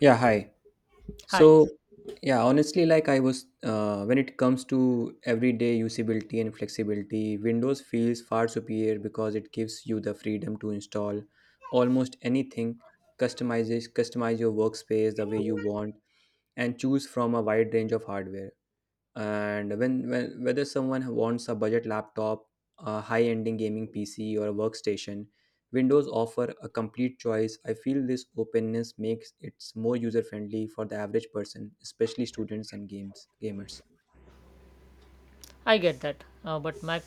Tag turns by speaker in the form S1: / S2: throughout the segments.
S1: Yeah, hi.
S2: Hi,
S1: So, yeah, honestly, like when it comes to everyday usability and flexibility, Windows feels far superior because it gives you the freedom to install almost anything, customize your workspace the way you want, and choose from a wide range of hardware. And when whether someone wants a budget laptop, a high-ending gaming PC, or a workstation, Windows offer a complete choice. I feel this openness makes it more user-friendly for the average person, especially students and games gamers
S2: I get that, but Mac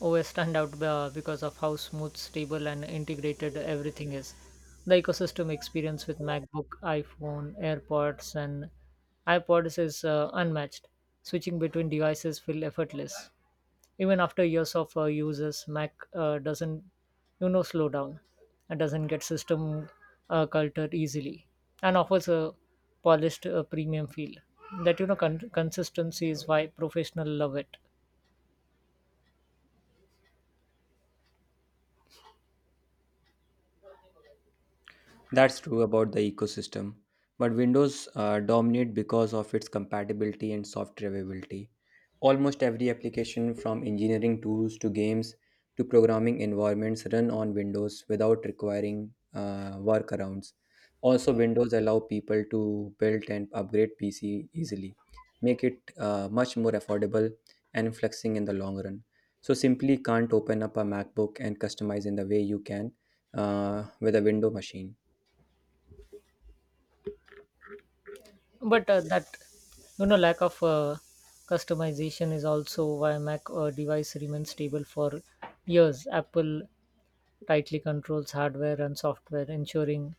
S2: OS stand out because of how smooth, stable, and integrated everything is. The ecosystem experience with MacBook, iPhone, AirPods, and iPods is unmatched. Switching between devices feel effortless. Even after years of uses mac doesn't slow down, and doesn't get system cultured easily, and offers a polished premium feel. That consistency is why professional love it.
S1: That's true about the ecosystem, but Windows dominate because of its compatibility and software availability. Almost every application from engineering tools to games to programming environments run on Windows without requiring workarounds. Also, Windows allow people to build and upgrade PC easily, make it much more affordable and flexing in the long run. So simply can't open up a MacBook and customize in the way you can with a Windows machine.
S2: But that lack of customization is also why mac device remains stable for years. Apple tightly controls hardware and software, ensuring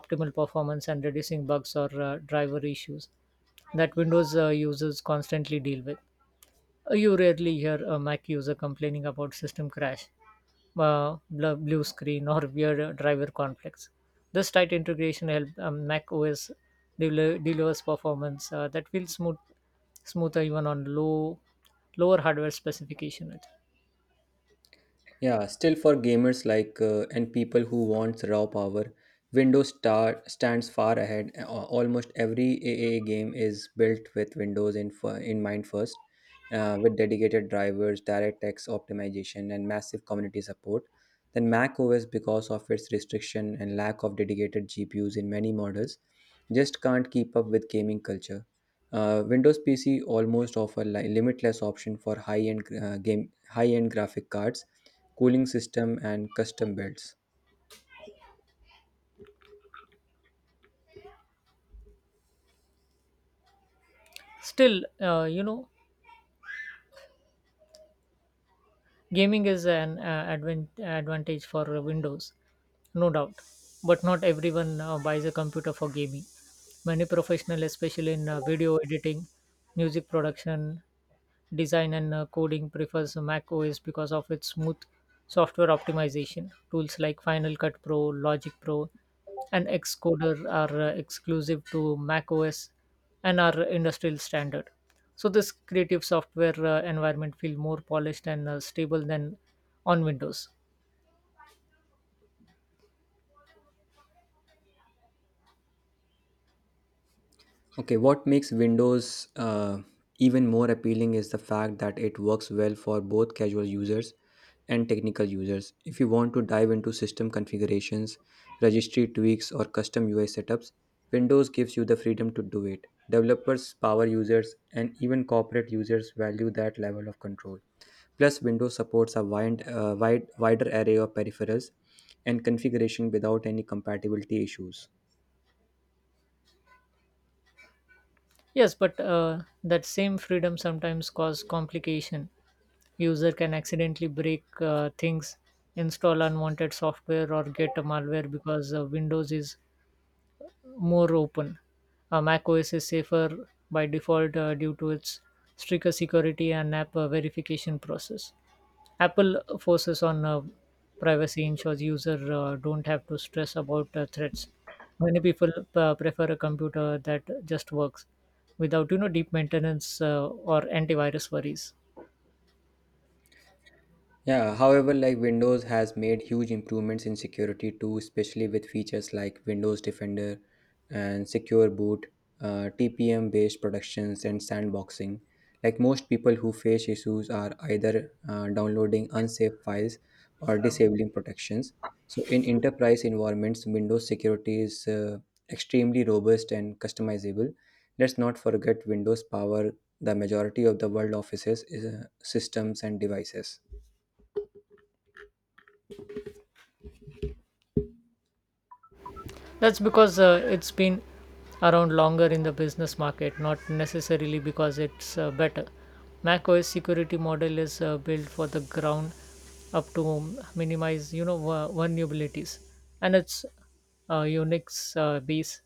S2: optimal performance and reducing bugs or driver issues that Windows users constantly deal with. You rarely hear a Mac user complaining about system crash, blue screen, or weird driver conflicts. This tight integration helps Mac OS delivers performance that feels smooth, smoother even on lower hardware specification.
S1: Yeah, still for gamers like and people who wants raw power, Windows star stands far ahead. Almost every AAA game is built with Windows in mind first, with dedicated drivers, DirectX optimization, and massive community support. Then Mac OS, because of its restriction and lack of dedicated GPUs in many models, just can't keep up with gaming culture. Windows PC almost offer limitless option for high-end graphic cards cooling system, and custom builds.
S2: Still, gaming is an advantage for Windows, no doubt, but not everyone buys a computer for gaming. Many professionals, especially in video editing, music production, design, and coding, prefers Mac OS because of its smooth software optimization. Tools like Final Cut Pro, Logic Pro, and Xcoder are exclusive to Mac OS, and are industry standard, so this creative software environment feel more polished and stable than on windows.
S1: Okay, what makes Windows even more appealing is the fact that it works well for both casual users and technical users. If you want to dive into system configurations, registry tweaks, or custom UI setups, Windows gives you the freedom to do it. Developers, power users, and even corporate users value that level of control. Plus, Windows supports a wider array of peripherals and configuration without any compatibility issues.
S2: Yes, but that same freedom sometimes cause complication. User can accidentally break things, install unwanted software, or get a malware, because windows is more open. Mac os is safer by default due to its stricter security and app verification process. Apple forces on privacy ensures users don't have to stress about threats. Many people prefer a computer that just works without deep maintenance or antivirus worries.
S1: Yeah, however, like Windows has made huge improvements in security too, especially with features like Windows Defender and Secure Boot, TPM based productions, and sandboxing. Like most people who face issues are either downloading unsafe files or disabling protections. So, in enterprise environments, Windows security is extremely robust and customizable. Let's not forget Windows power the majority of the world offices, systems, and devices.
S2: That's because it's been around longer in the business market, not necessarily because it's better. macOS security model is built for the ground up to minimize vulnerabilities, and it's Unix base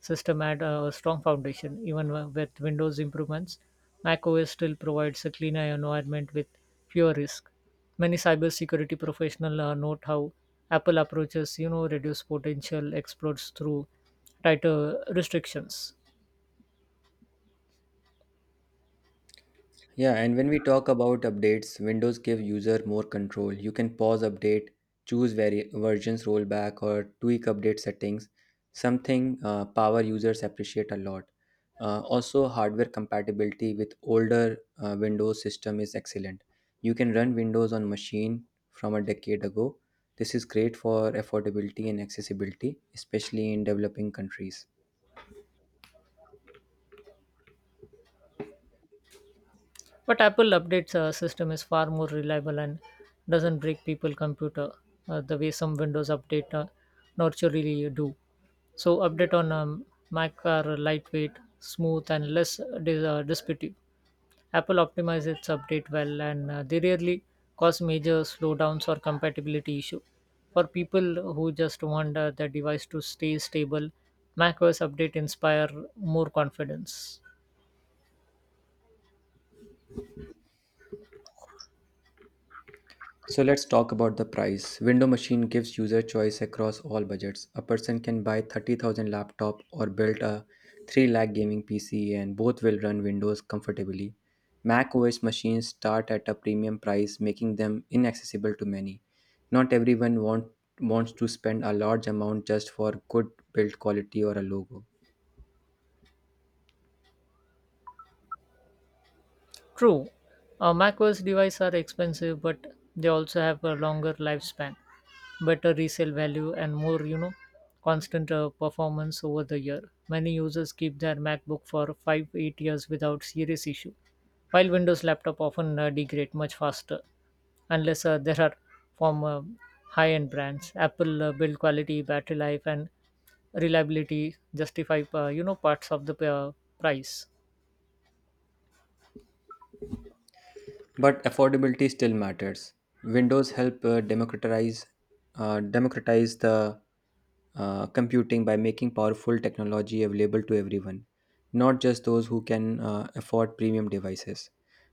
S2: system had a strong foundation. Even with Windows improvements, Mac OS still provides a cleaner environment with fewer risks. Many cybersecurity professionals note how Apple approaches, reduce potential exploits through tighter restrictions.
S1: Yeah, and when we talk about updates, Windows give user more control. You can pause update, choose versions rollback, or tweak update settings. Something power users appreciate a lot. Also, hardware compatibility with older Windows system is excellent. You can run Windows on machine from a decade ago. This is great for affordability and accessibility, especially in developing countries.
S2: But Apple updates system is far more reliable and doesn't break people computer the way some Windows update naturally do. So update on Mac are lightweight, smooth, and less disputive. Apple optimizes its update well, and they rarely cause major slowdowns or compatibility issue. For people who just want the device to stay stable, macOS update inspire more confidence.
S1: So let's talk about the price. Window Machine gives user choice across all budgets. A person can buy 30,000 laptop or build a 3 lakh gaming PC, and both will run Windows comfortably. Mac OS machines start at a premium price, making them inaccessible to many. Not everyone wants to spend a large amount just for good build quality or a logo.
S2: True, macOS devices are expensive, but they also have a longer lifespan, better resale value, and more, constant performance over the year. Many users keep their MacBook for 5, 8 years without serious issue, while Windows laptop often degrade much faster, unless there are from high-end brands. Apple build quality, battery life, and reliability justify, parts of the price.
S1: But affordability still matters. Windows help democratize the computing by making powerful technology available to everyone, not just those who can afford premium devices.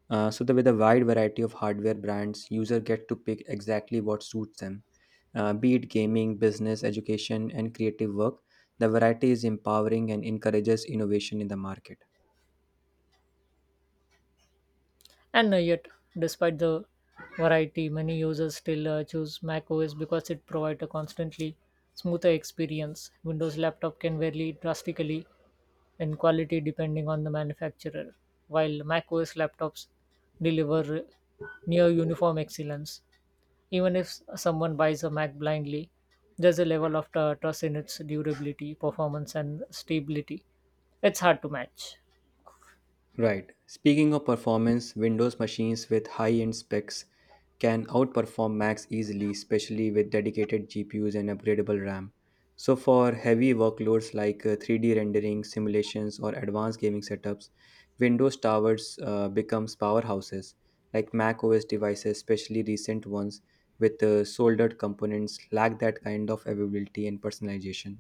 S1: So that with a wide variety of hardware brands, user get to pick exactly what suits them. Be it gaming, business, education, and creative work, the variety is empowering and encourages innovation in the market.
S2: And yet, despite the variety, many users still choose macOS because it provides a constantly smoother experience. Windows laptop can vary drastically in quality depending on the manufacturer, while macOS laptops deliver near uniform excellence. Even if someone buys a Mac blindly, there's a level of trust in its durability, performance, and stability. It's hard to match.
S1: Right. Speaking of performance, Windows machines with high end specs can outperform Macs easily, especially with dedicated GPUs and upgradable RAM. So, for heavy workloads like 3D rendering, simulations, or advanced gaming setups, Windows towers becomes powerhouses. Like Mac OS devices, especially recent ones with soldered components, lack that kind of availability and personalization.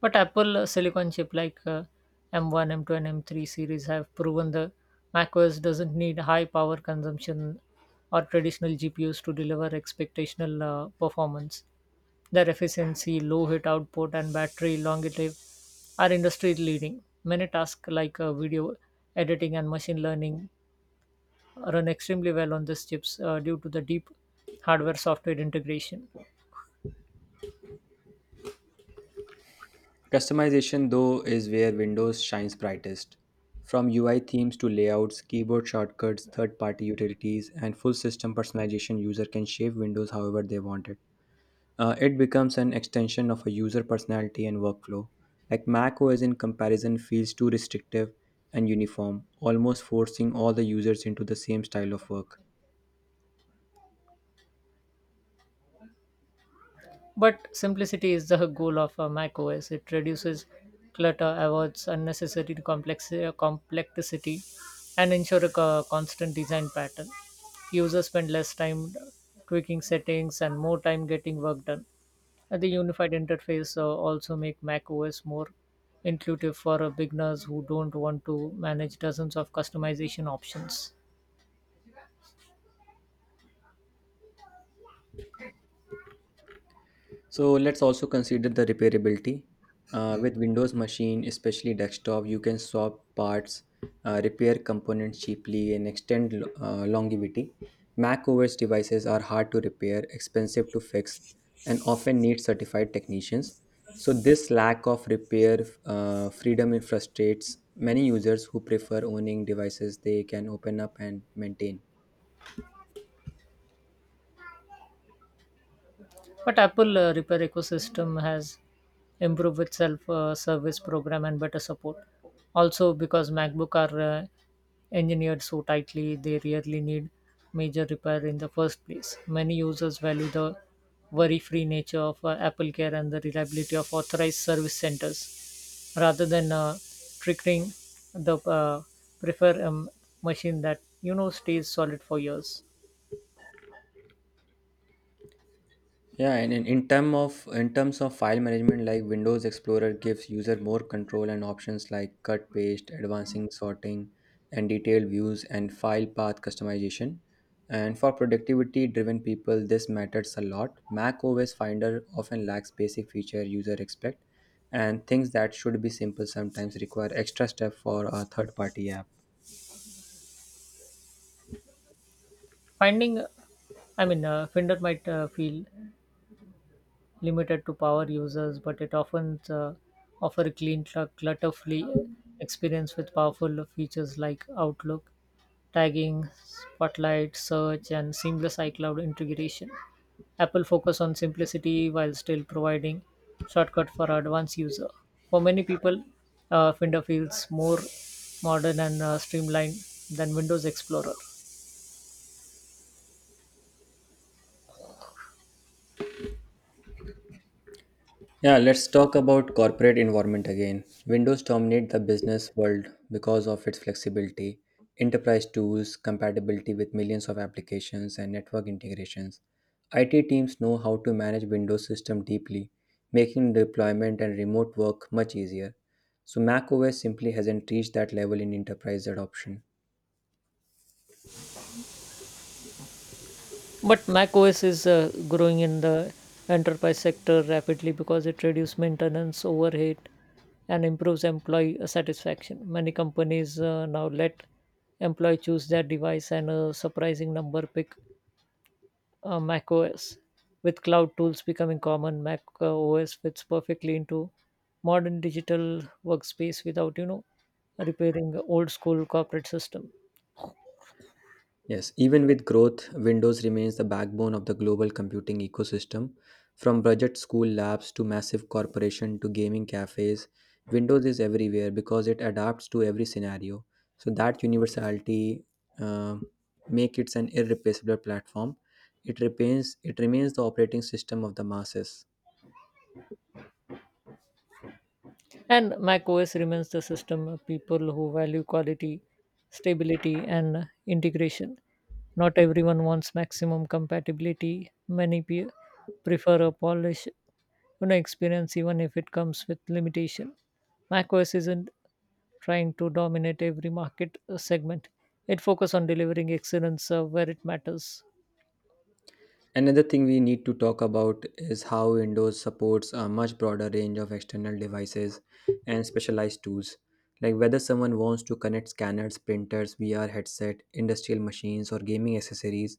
S2: But Apple silicon chip like M1, M2, and M3 series have proven the macOS doesn't need high power consumption or traditional GPUs to deliver expectational performance. Their efficiency, low heat output, and battery longevity are industry leading. Many tasks like video editing and machine learning run extremely well on these chips due to the deep hardware software integration.
S1: Customization, though, is where Windows shines brightest. From UI themes to layouts, keyboard shortcuts, third party utilities, and full system personalization, user can shape Windows however they want it. It becomes an extension of a user personality and workflow. Like Mac OS in comparison feels too restrictive and uniform, almost forcing all the users into the same style of work.
S2: But simplicity is the goal of a Mac OS. It reduces clutter, avoids unnecessary complexity, and ensure a constant design pattern. Users spend less time tweaking settings and more time getting work done. And the unified interface also make Mac OS more intuitive for beginners who don't want to manage dozens of customization options.
S1: So let's also consider the repairability. With Windows machine, especially desktop, you can swap parts, repair components cheaply, and extend longevity. Mac OS devices are hard to repair, expensive to fix, and often need certified technicians. So this lack of repair freedom frustrates many users who prefer owning devices they can open up and maintain.
S2: But Apple repair ecosystem has improved with self service program and better support. Also, because MacBook are engineered so tightly, they rarely need major repair in the first place. Many users value the worry-free nature of Apple Care and the reliability of authorized service centers, rather than triggering the prefer machine that stays solid for years.
S1: Yeah, and in terms of file management, like Windows Explorer gives user more control and options like cut, paste, advancing, sorting, and detailed views and file path customization. And for productivity-driven people, this matters a lot. Mac OS Finder often lacks basic feature user expect, and things that should be simple sometimes require extra step for a third-party app.
S2: Finding, Finder might feel limited to power users, but it often offer a clean, clutter-free experience with powerful features like Outlook, tagging, Spotlight, search, and seamless iCloud integration. Apple focus on simplicity while still providing shortcut for advanced user. For many people, Finder feels more modern and streamlined than Windows Explorer.
S1: Yeah, let's talk about corporate environment again. Windows dominate the business world because of its flexibility, enterprise tools, compatibility with millions of applications and network integrations. IT teams know how to manage Windows system deeply, making deployment and remote work much easier. So macOS simply hasn't reached that level in enterprise adoption.
S2: But macOS is growing in the enterprise sector rapidly because it reduces maintenance overhead and improves employee satisfaction. Many companies now let employee choose their device, and a surprising number pick macOS. With cloud tools becoming common, Mac OS fits perfectly into modern digital workspace without repairing old school corporate system.
S1: Yes, even with growth, Windows remains the backbone of the global computing ecosystem. From budget school labs to massive corporation to gaming cafes, Windows is everywhere because it adapts to every scenario. So that universality uh, make it an irreplaceable platform. It remains the operating system of the masses.
S2: And macOS remains the system of people who value quality, stability, and integration. Not everyone wants maximum compatibility. Many prefer a polished, experience even if it comes with limitation. macOS isn't trying to dominate every market segment. It focuses on delivering excellence where it matters.
S1: Another thing we need to talk about is how Windows supports a much broader range of external devices and specialized tools. Like whether someone wants to connect scanners, printers, VR headset, industrial machines, or gaming accessories,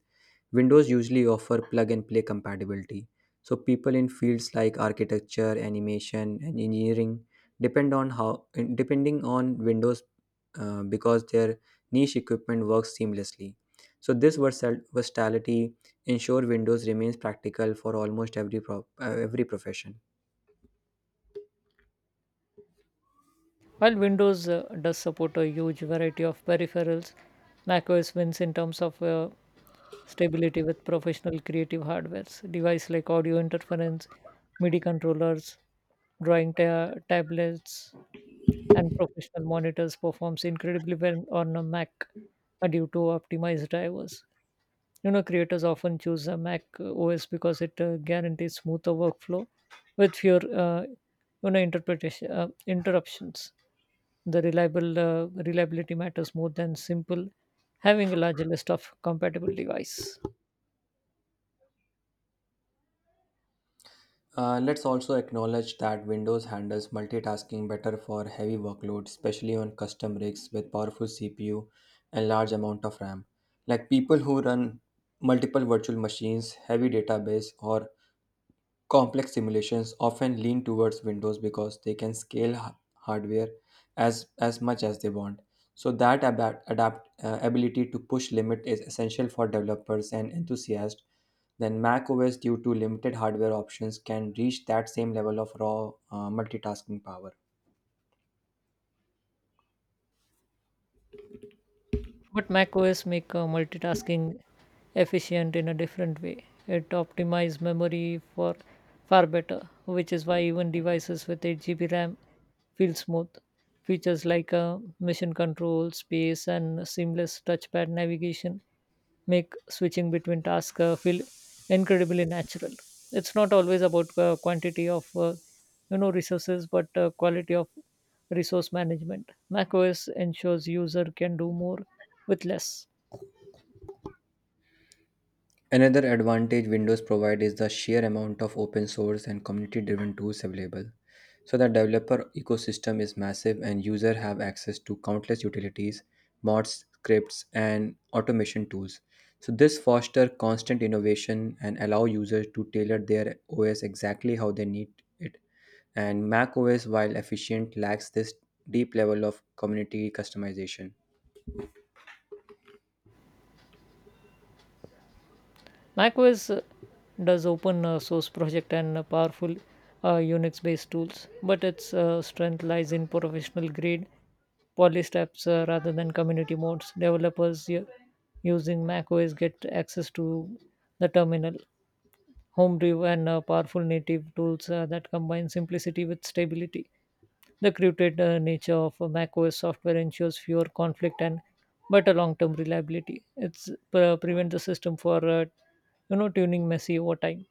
S1: Windows usually offer plug and play compatibility. So people in fields like architecture, animation, and engineering depend on how depending on Windows because their niche equipment works seamlessly. So this versatility ensure Windows remains practical for almost every profession.
S2: While Windows does support a huge variety of peripherals, macOS wins in terms of stability with professional creative hardwares. Devices like audio interference, MIDI controllers, drawing tablets, and professional monitors performs incredibly well on a Mac due to optimized drivers. Creators often choose a Mac OS because it guarantees smoother workflow with fewer, you know, interpretation interruptions. The reliable reliability matters more than simple having a larger list of compatible device.
S1: Let's also acknowledge that Windows handles multitasking better for heavy workloads, especially on custom rigs with powerful CPU and large amount of RAM. Like people who run multiple virtual machines, heavy database, or complex simulations often lean towards Windows because they can scale hardware as much as they want. So that adapt, adapt ability to push limit is essential for developers and enthusiasts. Then Mac OS, due to limited hardware options, can reach that same level of raw multitasking power.
S2: But macOS make multitasking efficient in a different way. It optimizes memory for far better, which is why even devices with 8 GB RAM feel smooth. Features like mission control, space, and seamless touchpad navigation make switching between tasks feel incredibly natural. It's not always about quantity of resources, but quality of resource management. macOS ensures user can do more with less.
S1: Another advantage Windows provides is the sheer amount of open source and community driven tools available. So the developer ecosystem is massive and users have access to countless utilities, mods, scripts and automation tools. So this fosters constant innovation and allow users to tailor their OS exactly how they need it. And Mac OS while efficient lacks this deep level of community customization.
S2: macOS does open source project and powerful Unix-based tools, but its strength lies in professional grade polished apps rather than community modes. Developers using macOS get access to the terminal, home-brew and powerful native tools that combine simplicity with stability. The curated nature of macOS software ensures fewer conflict and better long-term reliability. It's prevent the system for tuning messy over time.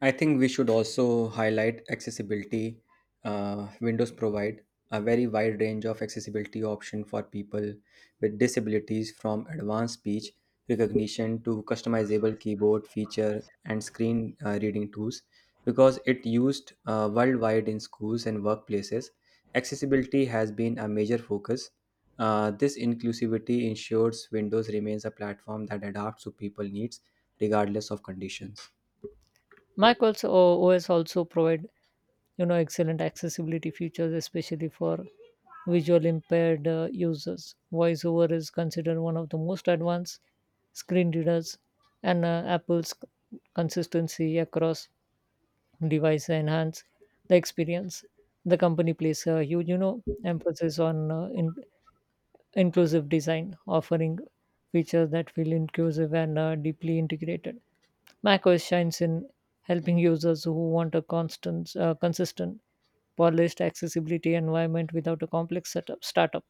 S1: I think we should also highlight accessibility. Windows provide a very wide range of accessibility option for people with disabilities, from advanced speech recognition to customizable keyboard feature and screen reading tools. Because it used worldwide in schools and workplaces, accessibility has been a major focus. This inclusivity ensures Windows remains a platform that adapts to people needs regardless of conditions.
S2: Mac OS also provide excellent accessibility features, especially for visual impaired users. Voiceover is considered one of the most advanced screen readers, and Apple's consistency across devices enhance the experience. The company places a huge emphasis on inclusive design, offering features that feel inclusive and deeply integrated. macOS shines in helping users who want a consistent, polished accessibility environment without a complex setup startup.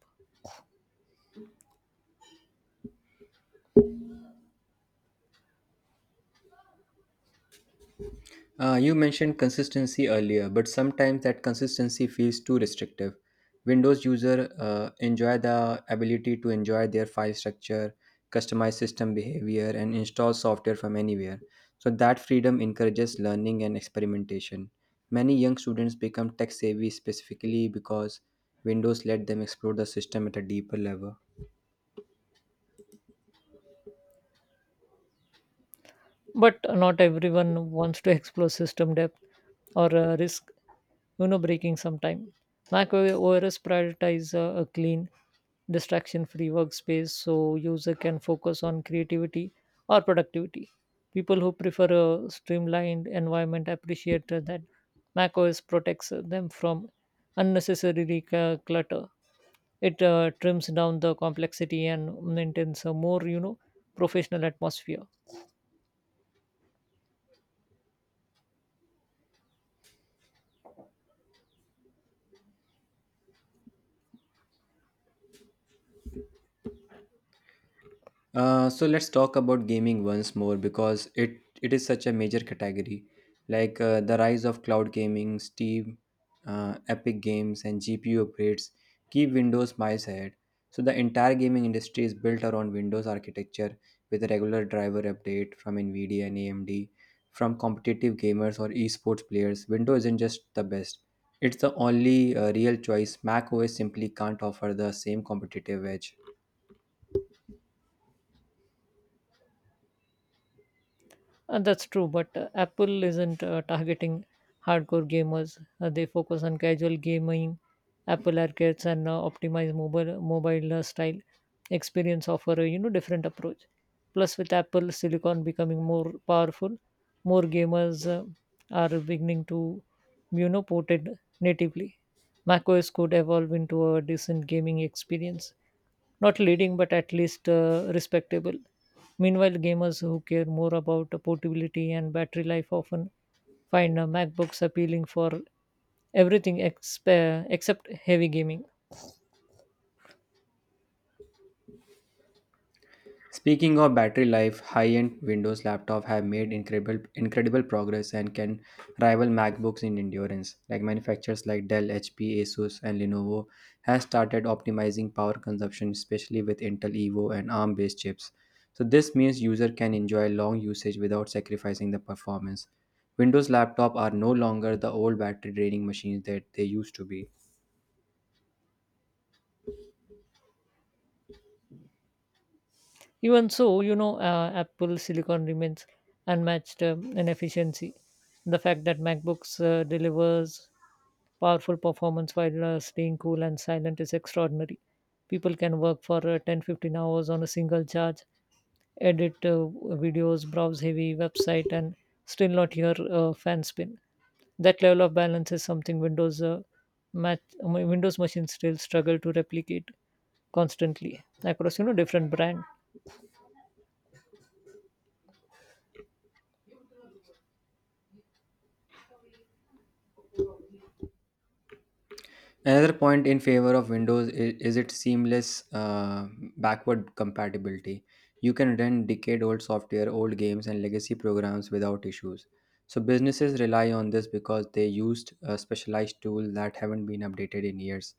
S1: You mentioned consistency earlier, but sometimes that consistency feels too restrictive. Windows user enjoy the ability to enjoy their file structure, customize system behavior, and install software from anywhere. So that freedom encourages learning and experimentation. Many young students become tech savvy specifically because Windows let them explore the system at a deeper level.
S2: But not everyone wants to explore system depth or risk breaking sometime. Mac os prioritize a clean distraction free workspace, so user can focus on creativity or productivity. People who prefer a streamlined environment appreciate that mac os protects them from unnecessary clutter. It trims down the complexity and maintains a more professional atmosphere.
S1: So let's talk about gaming once more because it is such a major category. Like the rise of cloud gaming, Steam, Epic Games, and GPU upgrades keep Windows miles ahead. So the entire gaming industry is built around Windows architecture with a regular driver update from Nvidia and AMD. From competitive gamers or esports players, Windows isn't just the best. It's the only real choice. Mac OS simply can't offer the same competitive edge.
S2: That's true, but Apple isn't targeting hardcore gamers. They focus on casual gaming, Apple arcades, and optimize mobile style experience offer a different approach. Plus, with Apple Silicon becoming more powerful, more gamers are beginning to port it natively. macOS could evolve into a decent gaming experience, not leading but at least respectable. Meanwhile, gamers who care more about portability and battery life often find MacBooks appealing for everything except heavy gaming.
S1: Speaking of battery life, high-end Windows laptops have made incredible progress and can rival MacBooks in endurance. Like manufacturers like Dell, HP, Asus, and Lenovo has started optimizing power consumption, especially with Intel Evo and ARM-based chips. So this means user can enjoy long usage without sacrificing the performance. Windows laptops are no longer the old battery draining machines that they used to be.
S2: Even so, Apple Silicon remains unmatched in efficiency. The fact that MacBooks delivers powerful performance while staying cool and silent is extraordinary. People can work for 10 15 hours on a single charge, edit videos, browse heavy website, and still not hear fan spin. That level of balance is something Windows machines still struggle to replicate constantly across different brand.
S1: Another point in favor of Windows is its seamless backward compatibility. You can run decade old software, old games, and legacy programs without issues. So, businesses rely on this because they used a specialized tool that haven't been updated in years.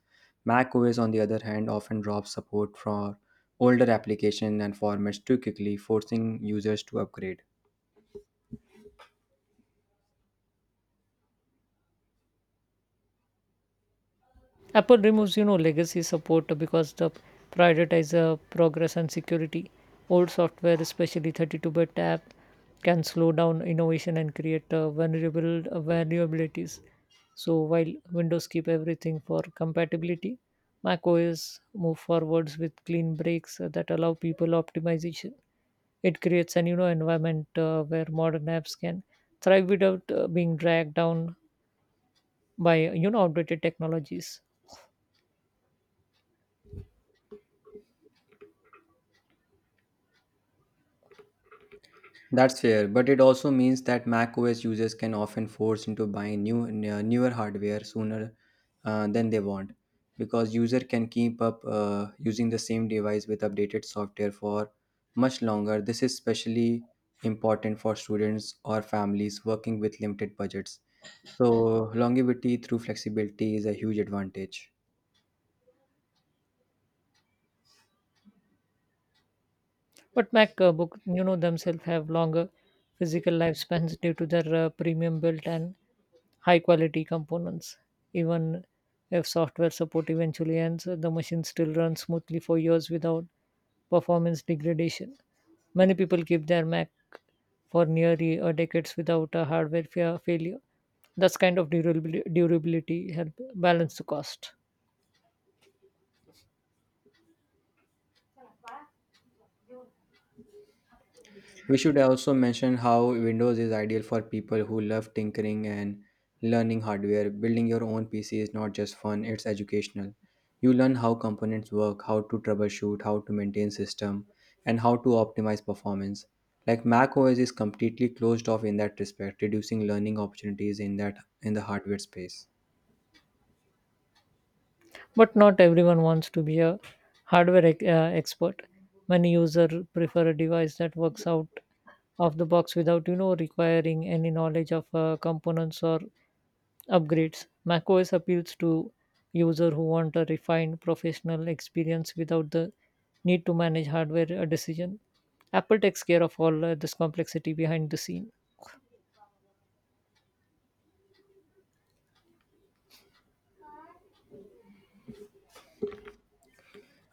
S1: Mac OS, on the other hand, often drops support for older applications and formats too quickly, forcing users to upgrade.
S2: Apple removes, legacy support because the prioritize progress and security. Old software, especially 32-bit app, can slow down innovation and create vulnerable vulnerabilities. So while Windows keep everything for compatibility, Mac OS move forwards with clean breaks that allow people optimization. It creates an environment where modern apps can thrive without being dragged down by outdated technologies.
S1: That's fair, but it also means that Mac OS users can often force into buying newer hardware sooner than they want, because user can keep up using the same device with updated software for much longer. This is especially important for students or families working with limited budgets. So longevity through flexibility is a huge advantage.
S2: But MacBook, themselves have longer physical lifespans due to their premium built and high quality components. Even if software support eventually ends, the machine still runs smoothly for years without performance degradation. Many people keep their Mac for nearly a decades without a failure. That's kind of durability help balance the cost.
S1: We should also mention how Windows is ideal for people who love tinkering and learning hardware. Building your own PC is not just fun, it's educational. You learn how components work, how to troubleshoot, how to maintain system, and how to optimize performance. Like Mac OS is completely closed off in that respect, reducing learning opportunities in that in the hardware space.
S2: But not everyone wants to be a expert. Many users prefer a device that works out of the box without requiring any knowledge of components or upgrades. macOS appeals to user who want a refined professional experience without the need to manage hardware decision. Apple takes care of all this complexity behind the scene.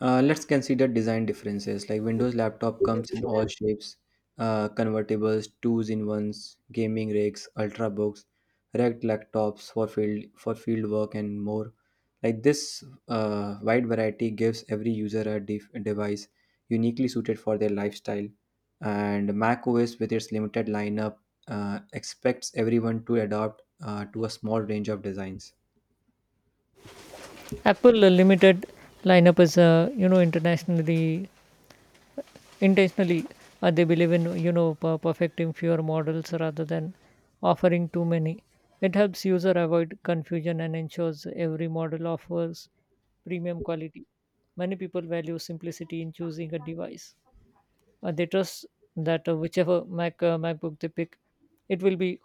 S1: Let's consider design differences. Like Windows laptop comes in all shapes, convertibles, twos in ones, gaming rigs, ultrabooks, racked laptops for field work and more. Like this wide variety gives every user a device uniquely suited for their lifestyle. And Mac OS, with its limited lineup, expects everyone to adopt to a small range of designs.
S2: Apple limited lineup is you know internationally intentionally. They believe in perfecting fewer models rather than offering too many. It helps user avoid confusion and ensures every model offers premium quality. Many people value simplicity in choosing a device. They trust that whichever macbook they pick, it will be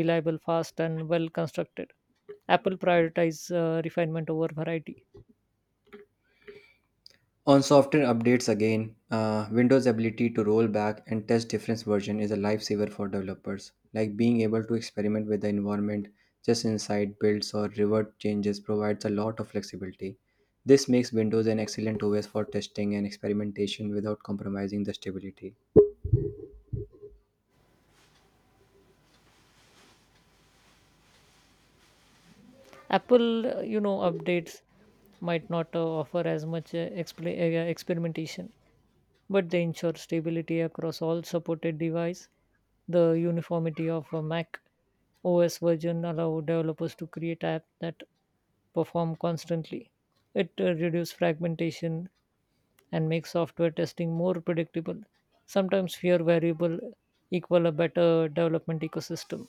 S2: reliable, fast, and well constructed. Apple prioritizes refinement over variety.
S1: On software updates again, Windows' ability to roll back and test different versions is a lifesaver for developers, like being able to experiment with the environment just inside builds or revert changes provides a lot of flexibility. This makes Windows an excellent OS for testing and experimentation without compromising the stability.
S2: Apple you know updates might not offer as much experimentation, but they ensure stability across all supported device. The uniformity of a Mac OS version allow developers to create app that perform constantly. It reduces fragmentation and makes software testing more predictable. Sometimes fewer variable equal a better development ecosystem.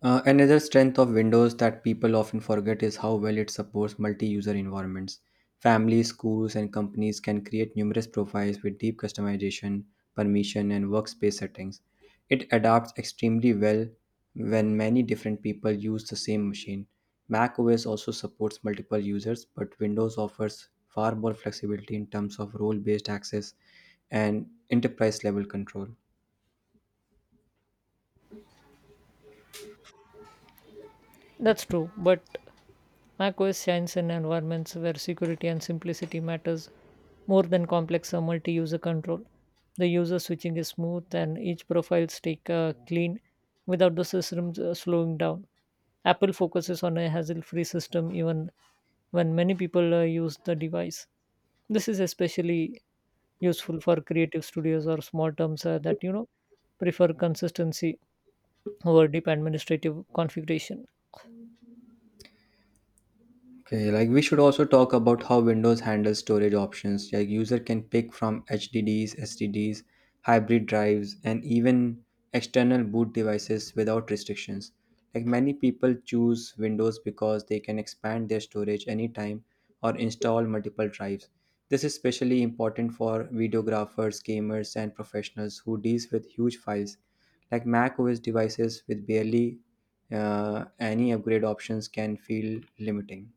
S1: Another strength of Windows that people often forget is how well it supports multi user environments. Families, schools, and companies can create numerous profiles with deep customization, permission, and workspace settings. It adapts extremely well when many different people use the same machine. Mac OS also supports multiple users, but Windows offers far more flexibility in terms of role based access and enterprise level control.
S2: That's true, but macOS shines in environments where security and simplicity matters more than complex multi-user control. The user switching is smooth and each profile stay clean without the system slowing down. Apple focuses on a hassle-free system even when many people use the device. This is especially useful for creative studios or small terms that prefer consistency over deep administrative configuration.
S1: Okay, like we should also talk about how Windows handles storage options. Like user can pick from HDDs, SSDs, hybrid drives, and even external boot devices without restrictions. Like many people choose Windows because they can expand their storage anytime or install multiple drives. This is especially important for videographers, gamers, and professionals who deals with huge files. Like Mac OS devices with barely any upgrade options can feel limiting.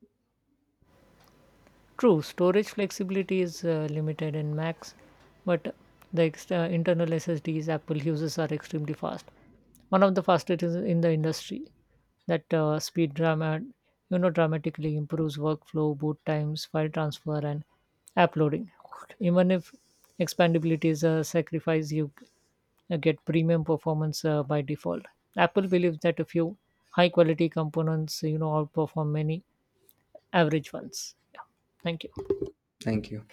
S2: True, storage flexibility is limited in Macs, but the internal SSDs Apple uses are extremely fast. One of the fastest is in the industry. That speed drama, you know, dramatically improves workflow, boot times, file transfer, and app loading. Even if expandability is a sacrifice, you get premium performance by default. Apple believes that a few high-quality components, outperform many average ones. Thank you.
S1: Thank you.